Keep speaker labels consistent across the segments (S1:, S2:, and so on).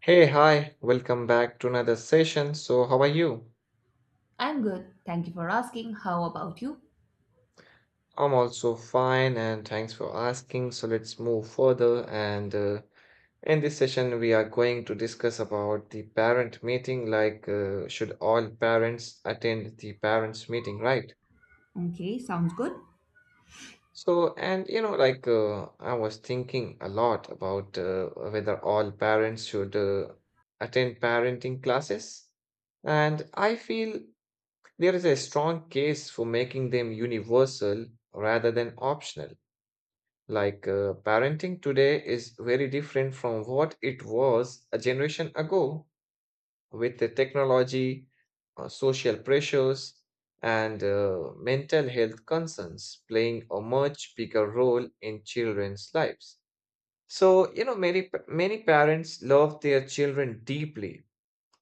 S1: Hey, hi, welcome back to another session. So, how are you?
S2: I'm good. Thank you for asking. How about you?
S1: I'm also fine and thanks for asking. So, let's move further. And In this session, we are going to discuss about the parent meeting like, should all parents attend the parents' meeting, right?
S2: Okay, sounds good.
S1: So, and you know, like, I was thinking a lot about whether all parents should attend parenting classes. And I feel there is a strong case for making them universal rather than optional. Parenting today is very different from what it was a generation ago with the technology, social pressures, and mental health concerns playing a much bigger role in children's lives. So, many parents love their children deeply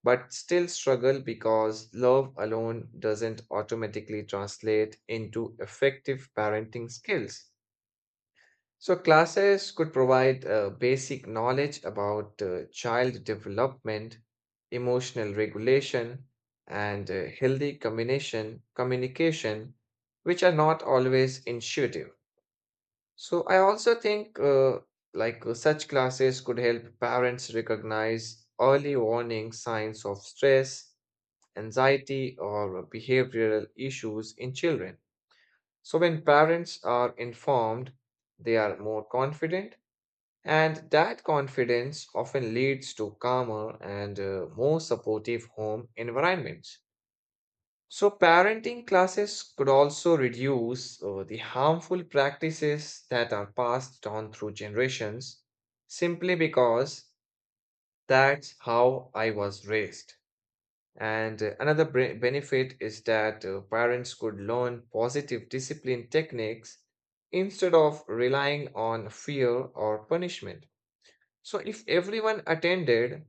S1: but still struggle because love alone doesn't automatically translate into effective parenting skills. So, classes could provide basic knowledge about child development, emotional regulation, and communication, which are not always intuitive. So, I also think such classes could help parents recognize early warning signs of stress, anxiety, or behavioral issues in children. So, when parents are informed, they are more confident, and that confidence often leads to calmer and more supportive home environments. So, parenting classes could also reduce the harmful practices that are passed on through generations simply because that's how I was raised. And Another benefit is that parents could learn positive discipline techniques instead of relying on fear or punishment. So, if everyone attended,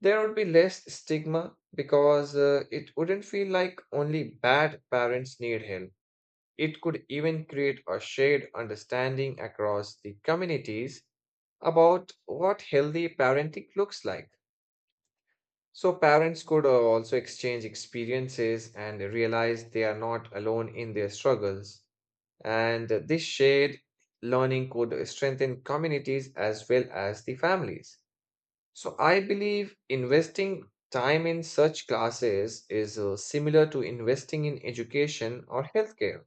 S1: there would be less stigma because it wouldn't feel like only bad parents need help. It could even create a shared understanding across the communities about what healthy parenting looks like. So parents could also exchange experiences and realize they are not alone in their struggles. And this shared learning could strengthen communities as well as the families. So I believe investing time in such classes is similar to investing in education or healthcare,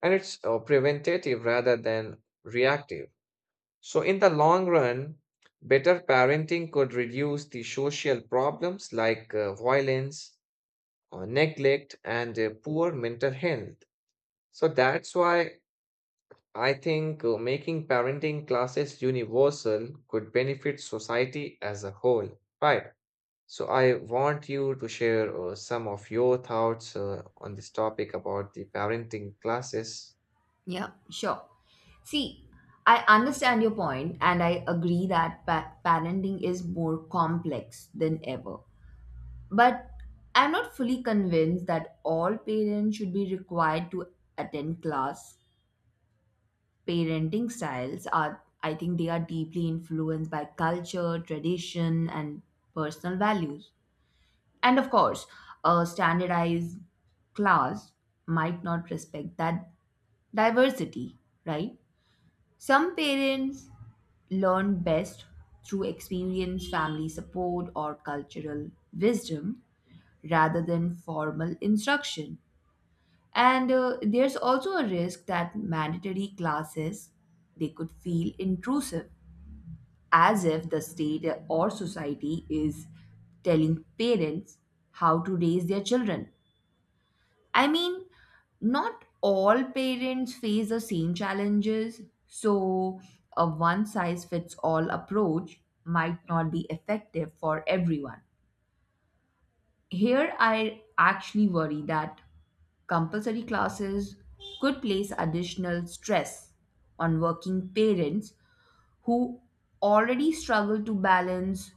S1: and it's preventative rather than reactive. So in the long run, better parenting could reduce the social problems like violence, neglect and poor mental health. So that's why I think making parenting classes universal could benefit society as a whole, right? So I want you to share some of your thoughts on this topic about the parenting classes.
S2: Yeah, sure. See, I understand your point and I agree that parenting is more complex than ever. But I'm not fully convinced that all parents should be required to attend class. Parenting styles are, I think, they are deeply influenced by culture, tradition, and personal values. And of course, a standardized class might not respect that diversity, right? Some parents learn best through experience, family support, or cultural wisdom rather than formal instruction. And there's also a risk that mandatory classes they could feel intrusive as if the state or society is telling parents how to raise their children. I mean, not all parents face the same challenges, so a one size fits all approach might not be effective for everyone. Here, I actually worry that compulsory classes could place additional stress on working parents who already struggle to balance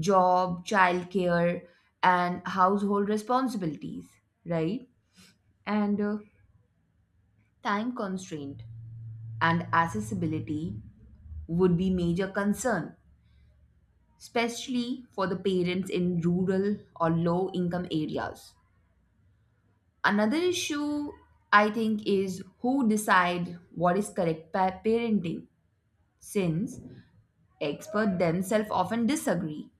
S2: job, childcare, and household responsibilities, right? And time constraint and accessibility would be major concern, especially for the parents in rural or low income areas. Another issue I think is who decide what is correct parenting since experts themselves often disagree.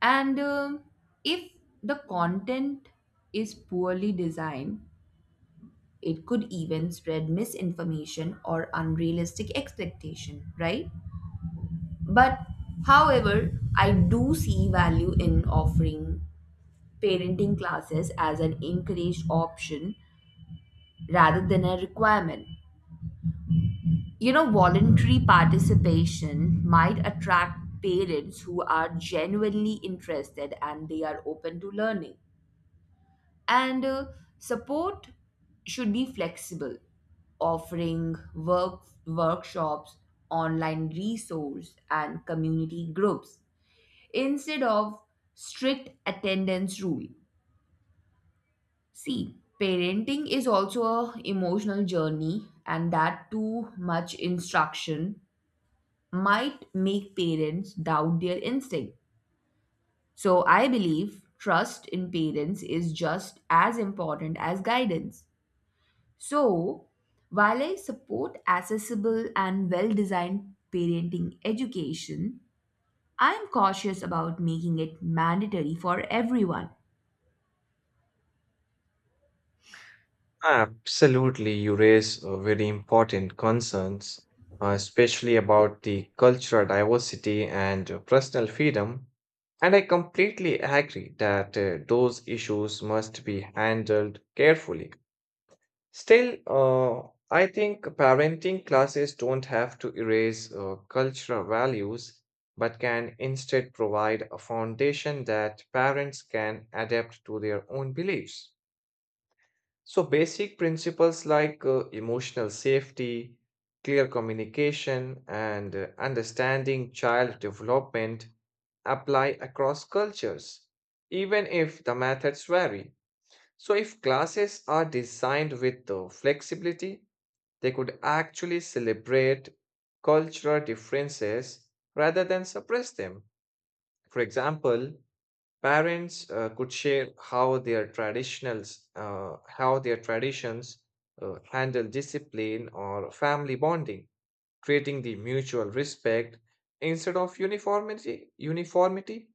S2: And if the content is poorly designed, it could even spread misinformation or unrealistic expectation, right? But however, I do see value in offering parenting classes as an encouraged option rather than a requirement. You know, voluntary participation might attract parents who are genuinely interested and they are open to learning. And support should be flexible, offering workshops, online resource and community groups instead of strict attendance rule. See, parenting is also a emotional journey and that too much instruction might make parents doubt their instinct. So I believe trust in parents is just as important as guidance. So while I support accessible and well-designed parenting education, I am cautious about making it mandatory for everyone.
S1: Absolutely, you raise very important concerns, especially about the cultural diversity and personal freedom. And I completely agree that those issues must be handled carefully. Still, I think parenting classes don't have to erase cultural values, but can instead provide a foundation that parents can adapt to their own beliefs. So, basic principles like emotional safety, clear communication, and understanding child development apply across cultures, even if the methods vary. So, if classes are designed with flexibility, they could actually celebrate cultural differences rather than suppress them. For example, parents could share how their traditionals, how their traditions handle discipline or family bonding, creating the mutual respect instead of uniformity. Uniformity,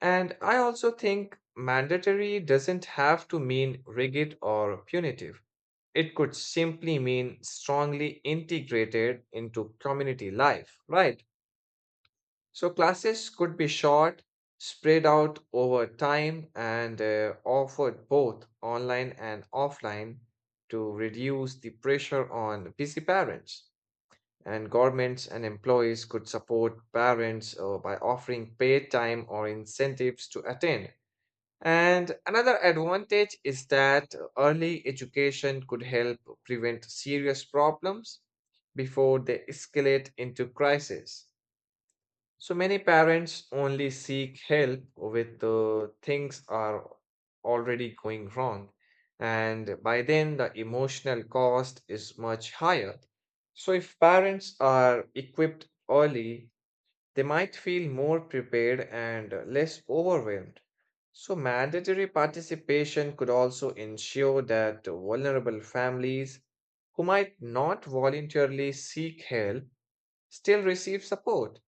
S1: and I also think mandatory doesn't have to mean rigid or punitive. It could simply mean strongly integrated into community life, right? So classes could be short, spread out over time, and offered both online and offline to reduce the pressure on busy parents. And governments and employees could support parents by offering paid time or incentives to attend. And another advantage is that early education could help prevent serious problems before they escalate into crisis. So many parents only seek help with things are already going wrong, and by then the emotional cost is much higher. So if parents are equipped early, they might feel more prepared and less overwhelmed. So mandatory participation could also ensure that vulnerable families who might not voluntarily seek help still receive support.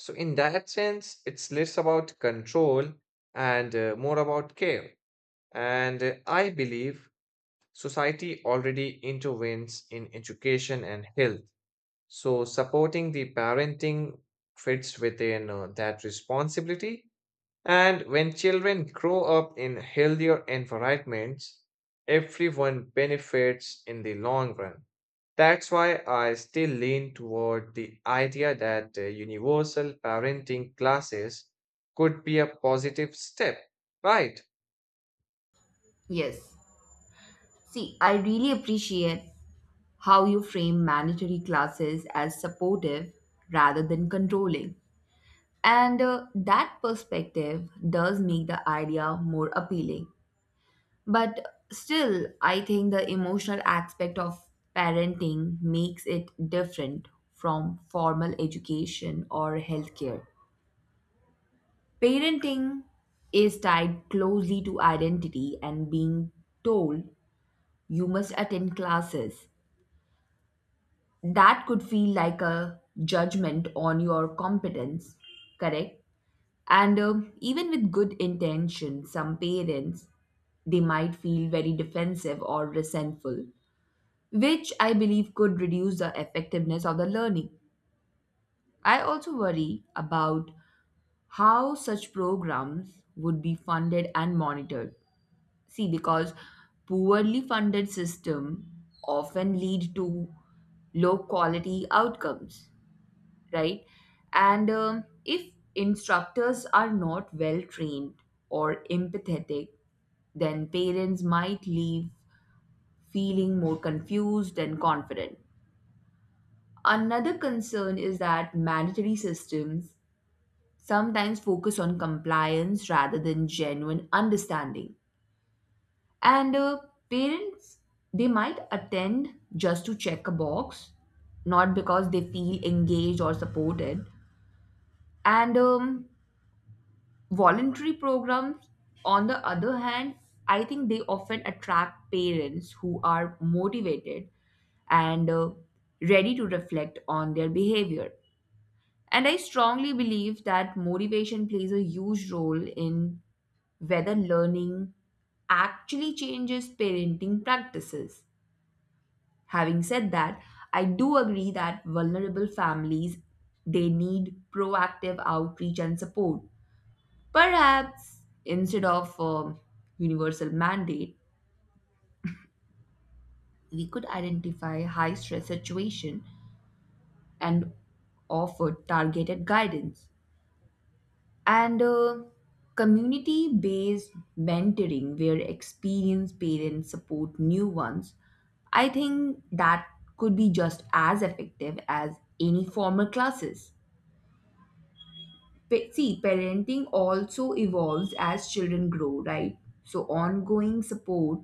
S1: So, in that sense, it's less about control and more about care. And I believe society already intervenes in education and health. So, supporting the parenting fits within that responsibility. And when children grow up in healthier environments, everyone benefits in the long run. That's why I still lean toward the idea that universal parenting classes could be a positive step, right?
S2: Yes, see, I really appreciate how you frame mandatory classes as supportive rather than controlling. And that perspective does make the idea more appealing. But still, I think the emotional aspect of parenting makes it different from formal education or healthcare. Parenting is tied closely to identity and being told you must attend classes that could feel like a judgment on your competence, correct? And even with good intention, some parents they might feel very defensive or resentful, which I believe could reduce the effectiveness of the learning. I also worry about how such programs would be funded and monitored. See, because poorly funded system often lead to low quality outcomes, right? And if instructors are not well trained or empathetic, then parents might leave feeling more confused and confident. Another concern is that mandatory systems sometimes focus on compliance rather than genuine understanding. And parents, they might attend just to check a box, not because they feel engaged or supported. And voluntary programs, on the other hand, I think they often attract parents who are motivated and ready to reflect on their behavior. And I strongly believe that motivation plays a huge role in whether learning actually changes parenting practices. Having said that, I do agree that vulnerable families they need proactive outreach and support. Perhaps instead of universal mandate, we could identify high stress situation and offer targeted guidance and community based mentoring where experienced parents support new ones. I think that could be just as effective as any formal classes. See, parenting also evolves as children grow, right? So, ongoing support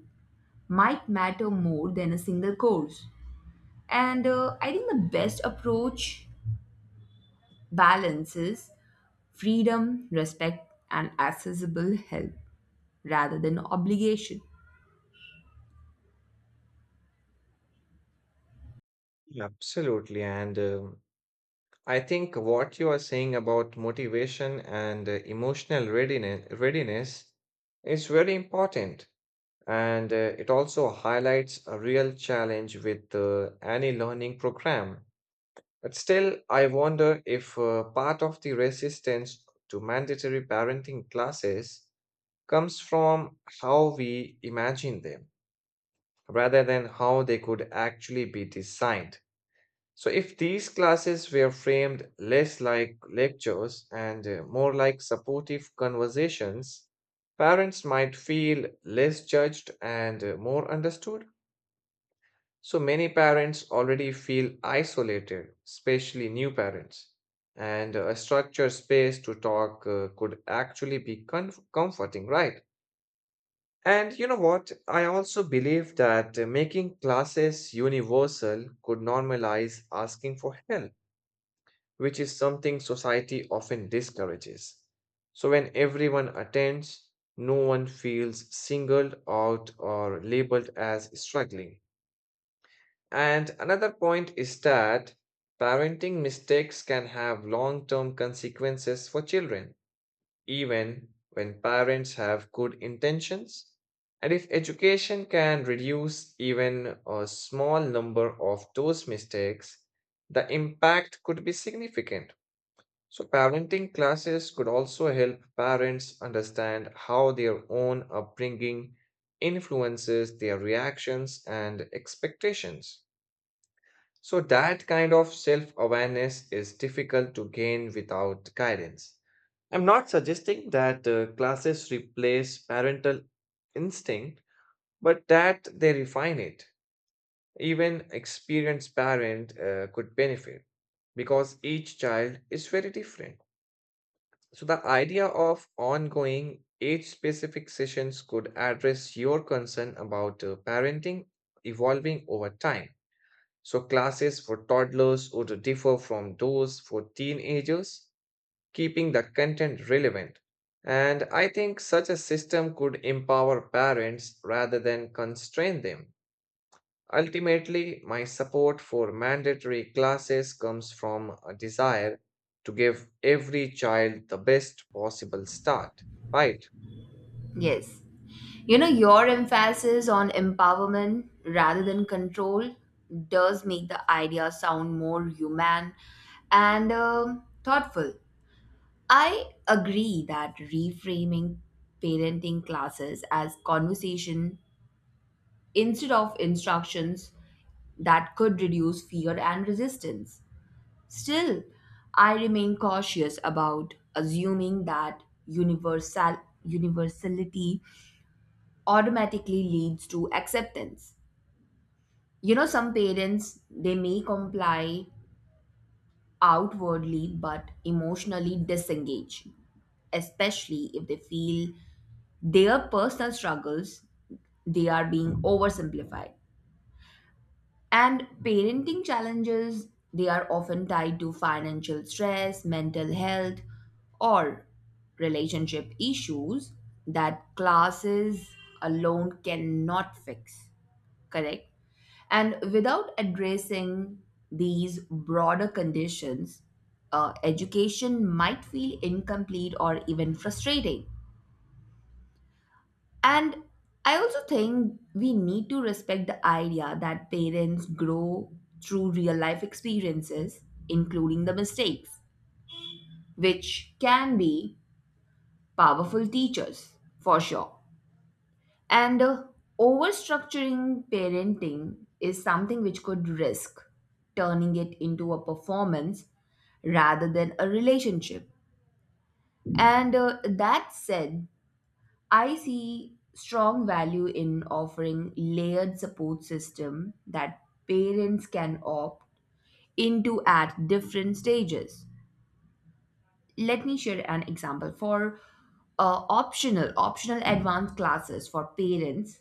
S2: might matter more than a single course. And I think the best approach balances freedom, respect, and accessible help rather than obligation.
S1: Yeah, absolutely. And I think what you are saying about motivation and readiness is very important. And it also highlights a real challenge with the any learning program. But still, I wonder if part of the resistance to mandatory parenting classes comes from how we imagine them rather than how they could actually be designed. So, if these classes were framed less like lectures and more like supportive conversations, parents might feel less judged and more understood. So, many parents already feel isolated, especially new parents, and a structured space to talk could actually be comf- comforting, right? And you know what? I also believe that making classes universal could normalize asking for help which is something society often discourages. So, when everyone attends, no one feels singled out or labeled as struggling. And another point is that parenting mistakes can have long term consequences for children, even when parents have good intentions. And if education can reduce even a small number of those mistakes, the impact could be significant. So, parenting classes could also help parents understand how their own upbringing influences their reactions and expectations. So, that kind of self awareness is difficult to gain without guidance. I'm not suggesting that classes replace parental instinct, but that they refine it. Even experienced parent could benefit because each child is very different. So, the idea of ongoing age specific sessions could address your concern about parenting evolving over time. So, classes for toddlers would differ from those for teenagers, keeping the content relevant. And I think such a system could empower parents rather than constrain them. Ultimately, my support for mandatory classes comes from a desire to give every child the best possible start, right?
S2: Yes. You know, your emphasis on empowerment rather than control does make the idea sound more human and thoughtful. I agree that reframing parenting classes as conversation instead of instructions that could reduce fear and resistance. Still, I remain cautious about assuming that universality automatically leads to acceptance. You know, some parents they may comply outwardly but emotionally disengage, especially if they feel their personal struggles they are being oversimplified. And parenting challenges, they are often tied to financial stress, mental health, or relationship issues that classes alone cannot fix. Correct? And without addressing these broader conditions, education might feel incomplete or even frustrating. And I also think we need to respect the idea that parents grow through real life experiences, including the mistakes, which can be powerful teachers for sure. And overstructuring parenting is something which could risk turning it into a performance rather than a relationship. And that said, I see strong value in offering layered support system that parents can opt into at different stages. Let me share an example for optional advanced classes for parents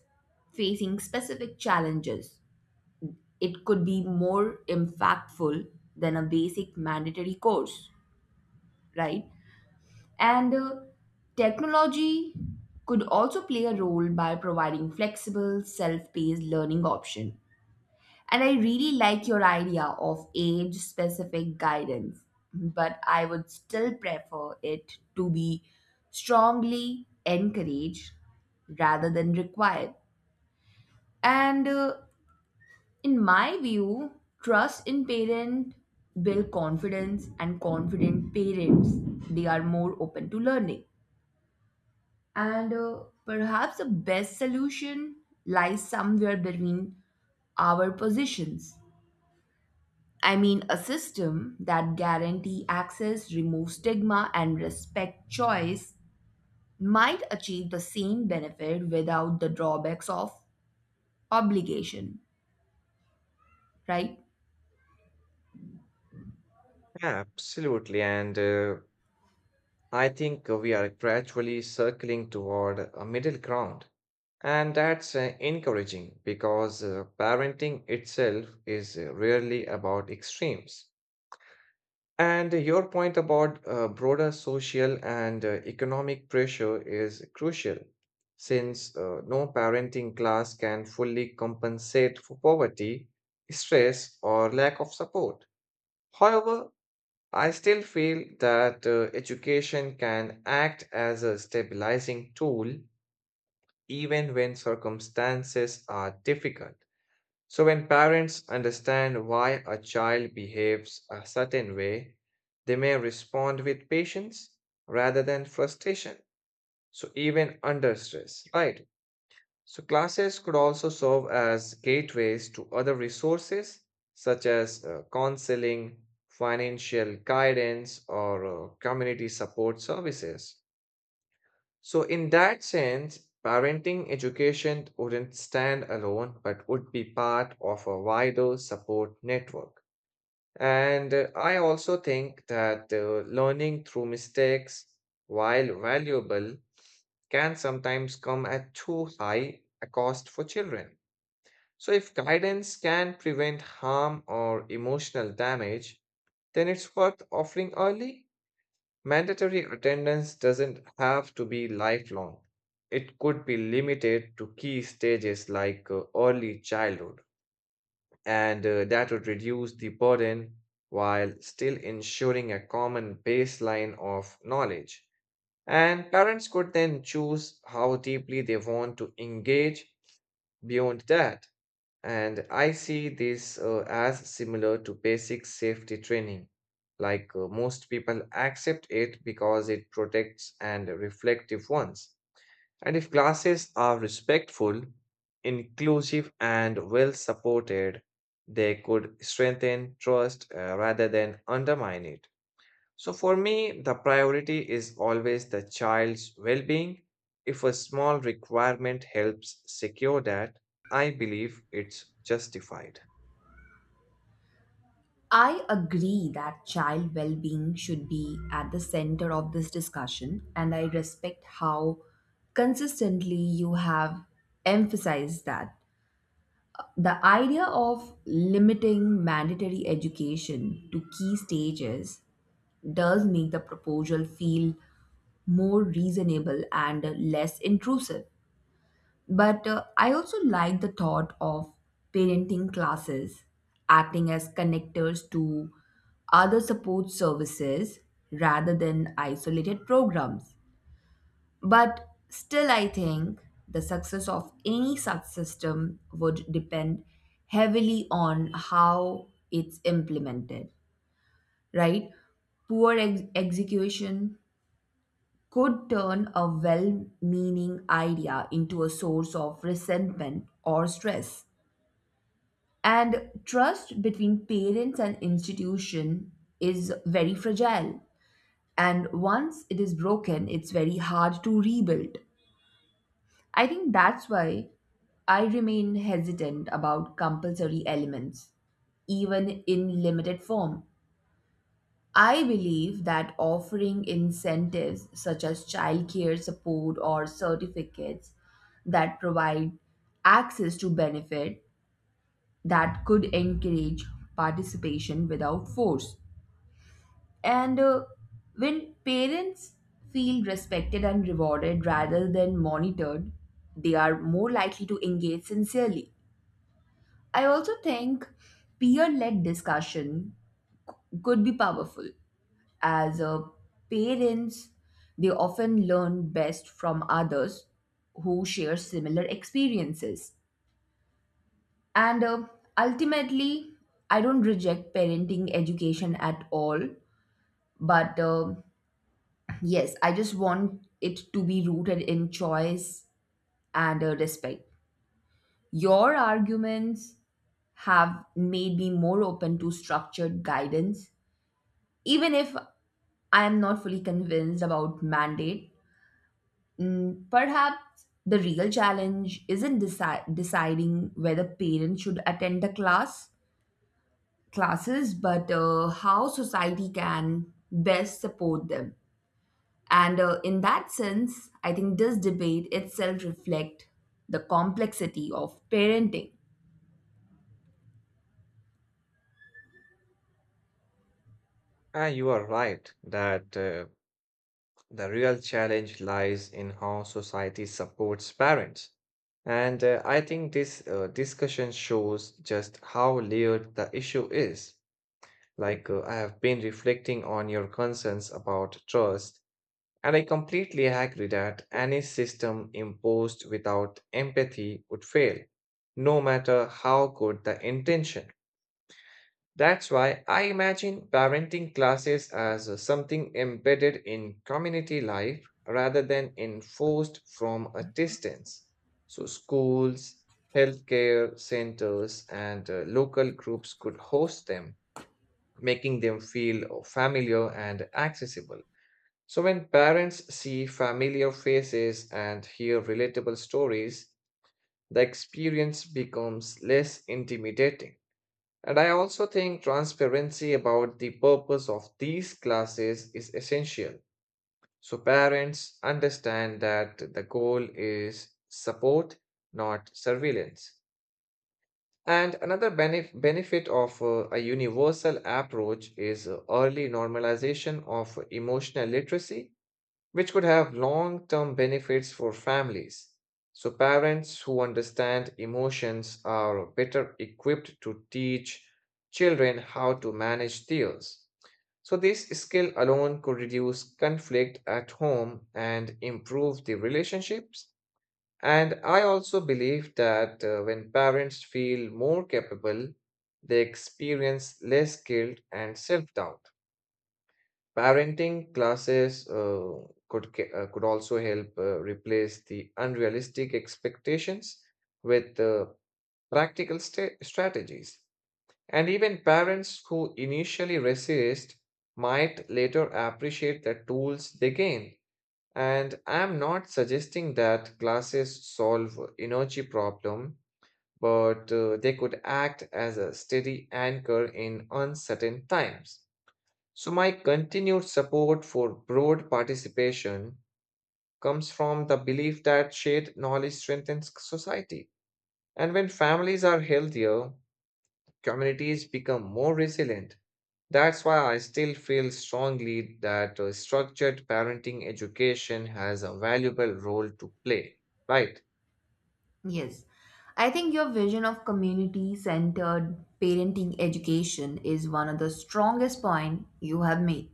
S2: facing specific challenges. It could be more impactful than a basic mandatory course, right? And technology could also play a role by providing flexible, self-paced learning option. And I really like your idea of age-specific guidance, but I would still prefer it to be strongly encouraged rather than required. And in my view, trust in parent build confidence and confident parents they are more open to learning. And perhaps the best solution lies somewhere between our positions. I mean, a system that guarantee access, removes stigma, and respect choice might achieve the same benefit without the drawbacks of obligation, right?
S1: Absolutely. And I think we are gradually circling toward a middle ground. And that's encouraging because parenting itself is rarely about extremes. And your point about broader social and economic pressure is crucial, since no parenting class can fully compensate for poverty, stress, or lack of support. However, I still feel that education can act as a stabilizing tool even when circumstances are difficult. So, when parents understand why a child behaves a certain way, they may respond with patience rather than frustration. So, even under stress, right? So, classes could also serve as gateways to other resources such as counseling, financial guidance, or community support services. So, in that sense, parenting education wouldn't stand alone but would be part of a wider support network. And I also think that learning through mistakes, while valuable, can sometimes come at too high a cost for children. So, if guidance can prevent harm or emotional damage, then it's worth offering early. Mandatory attendance doesn't have to be lifelong. It could be limited to key stages like early childhood, and that would reduce the burden while still ensuring a common baseline of knowledge. And parents could then choose how deeply they want to engage beyond that. And I see this as similar to basic safety training. Most people accept it because it protects and reflective ones. And if classes are respectful, inclusive, and well supported, they could strengthen trust rather than undermine it. So for me, the priority is always the child's well being. If a small requirement helps secure that, I believe it's justified.
S2: I agree that child well being should be at the center of this discussion, and I respect how consistently you have emphasized that. The idea of limiting mandatory education to key stages does make the proposal feel more reasonable and less intrusive. But I also like the thought of parenting classes acting as connectors to other support services rather than isolated programs. But still, I think the success of any such system would depend heavily on how it's implemented, right? Execution could turn a well meaning idea into a source of resentment or stress. And trust between parents and institution is very fragile. And once it is broken, it's very hard to rebuild. I think that's why I remain hesitant about compulsory elements, even in limited form. I believe that offering incentives such as childcare support or certificates that provide access to benefit that could encourage participation without force. And when parents feel respected and rewarded rather than monitored, they are more likely to engage sincerely. I also think peer led discussion could be powerful as parents they often learn best from others who share similar experiences, and ultimately I don't reject parenting education at all, but yes I just want it to be rooted in choice and respect. Your arguments have made me more open to structured guidance even if I am not fully convinced about mandate. Mm, perhaps the real challenge isn't deciding whether parents should attend the classes, but how society can best support them. And in that sense, I think this debate itself reflects the complexity of parenting.
S1: Ah, you are right that the real challenge lies in how society supports parents. And I think this discussion shows just how layered the issue is. I have been reflecting on your concerns about trust, and I completely agree that any system imposed without empathy would fail, no matter how good the intention. That's why I imagine parenting classes as something embedded in community life rather than enforced from a distance. So, schools, healthcare centers, and local groups could host them, making them feel familiar and accessible. So, when parents see familiar faces and hear relatable stories, the experience becomes less intimidating. And I also think transparency about the purpose of these classes is essential. So parents understand that the goal is support, not surveillance. And another benefit of a universal approach is early normalization of emotional literacy which could have long term benefits for families. So, parents who understand emotions are better equipped to teach children how to manage theirs. So, this skill alone could reduce conflict at home and improve the relationships. And I also believe that when parents feel more capable, they experience less guilt and self doubt. Parenting classes could also help replace the unrealistic expectations with strategies. And even parents who initially resist might later appreciate the tools they gain. And I'm not suggesting that classes solve energy problem, but they could act as a steady anchor in uncertain times. So, my continued support for broad participation comes from the belief that shared knowledge strengthens society. And when families are healthier, communities become more resilient. That's why I still feel strongly that structured parenting education has a valuable role to play. Right?
S2: Yes. I think your vision of community centered parenting education is one of the strongest point you have made.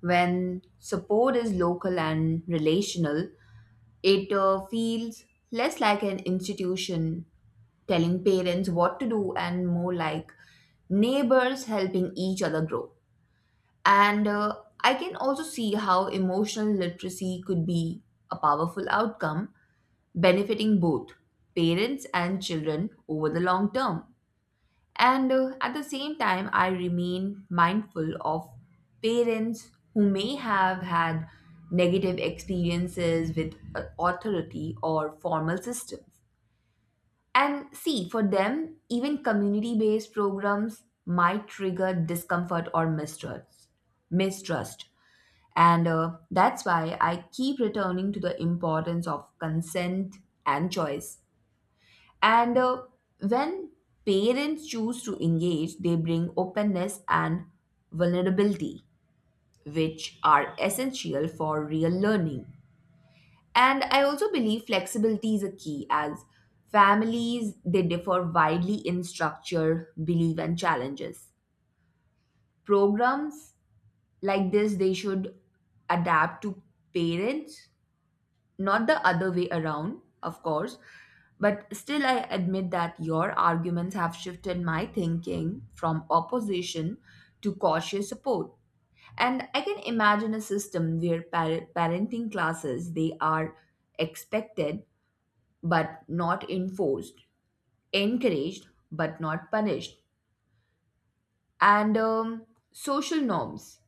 S2: When support is local and relational, it feels less like an institution telling parents what to do and more like neighbors helping each other grow. And I can also see how emotional literacy could be a powerful outcome benefiting both parents and children over the long term. And at the same time, I remain mindful of parents who may have had negative experiences with authority or formal systems. And see, for them, even community based programs might trigger discomfort or mistrust. And that's why I keep returning to the importance of consent and choice, and when parents choose to engage, they bring openness and vulnerability, which are essential for real learning. And I also believe flexibility is a key as families they differ widely in structure, belief and challenges. Programs like this they should adapt to parents, not the other way around, of course. But still, I admit that your arguments have shifted my thinking from opposition to cautious support. And I can imagine a system where parenting classes they are expected but not enforced, encouraged but not punished, and social norms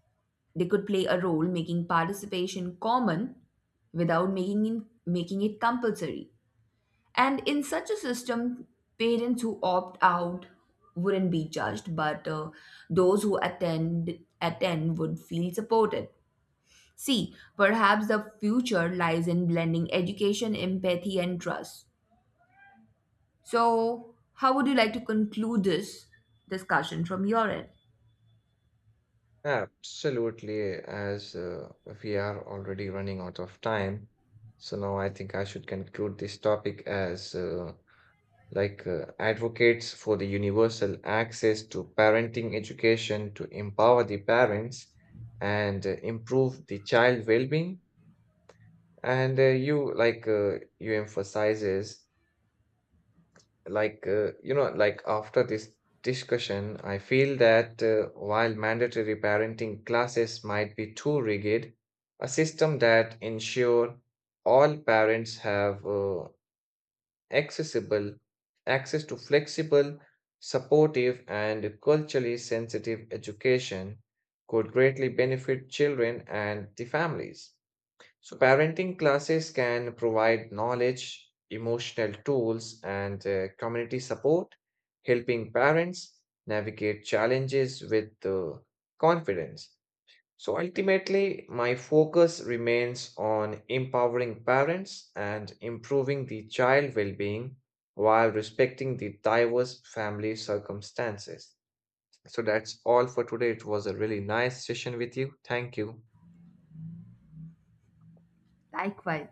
S2: they could play a role making participation common without making it compulsory. And in such a system, parents who opt out wouldn't be judged, but those who attend would feel supported. See, perhaps the future lies in blending education, empathy, and trust. So, how would you like to conclude this discussion from your end?
S1: Absolutely. As We are already running out of time, so now I think I should conclude this topic as. Advocates for the universal access to parenting education to empower the parents and improve the child well-being and you emphasizes after this discussion I feel that while mandatory parenting classes might be too rigid, a system that ensure all parents have accessible, access to flexible, supportive, and culturally sensitive education could greatly benefit children and the families. So, parenting classes can provide knowledge, emotional tools, and community support, helping parents navigate challenges with confidence. So ultimately, my focus remains on empowering parents and improving the child well being while respecting the diverse family circumstances. So that's all for today. It was a really nice session with you. Thank you.
S2: Likewise.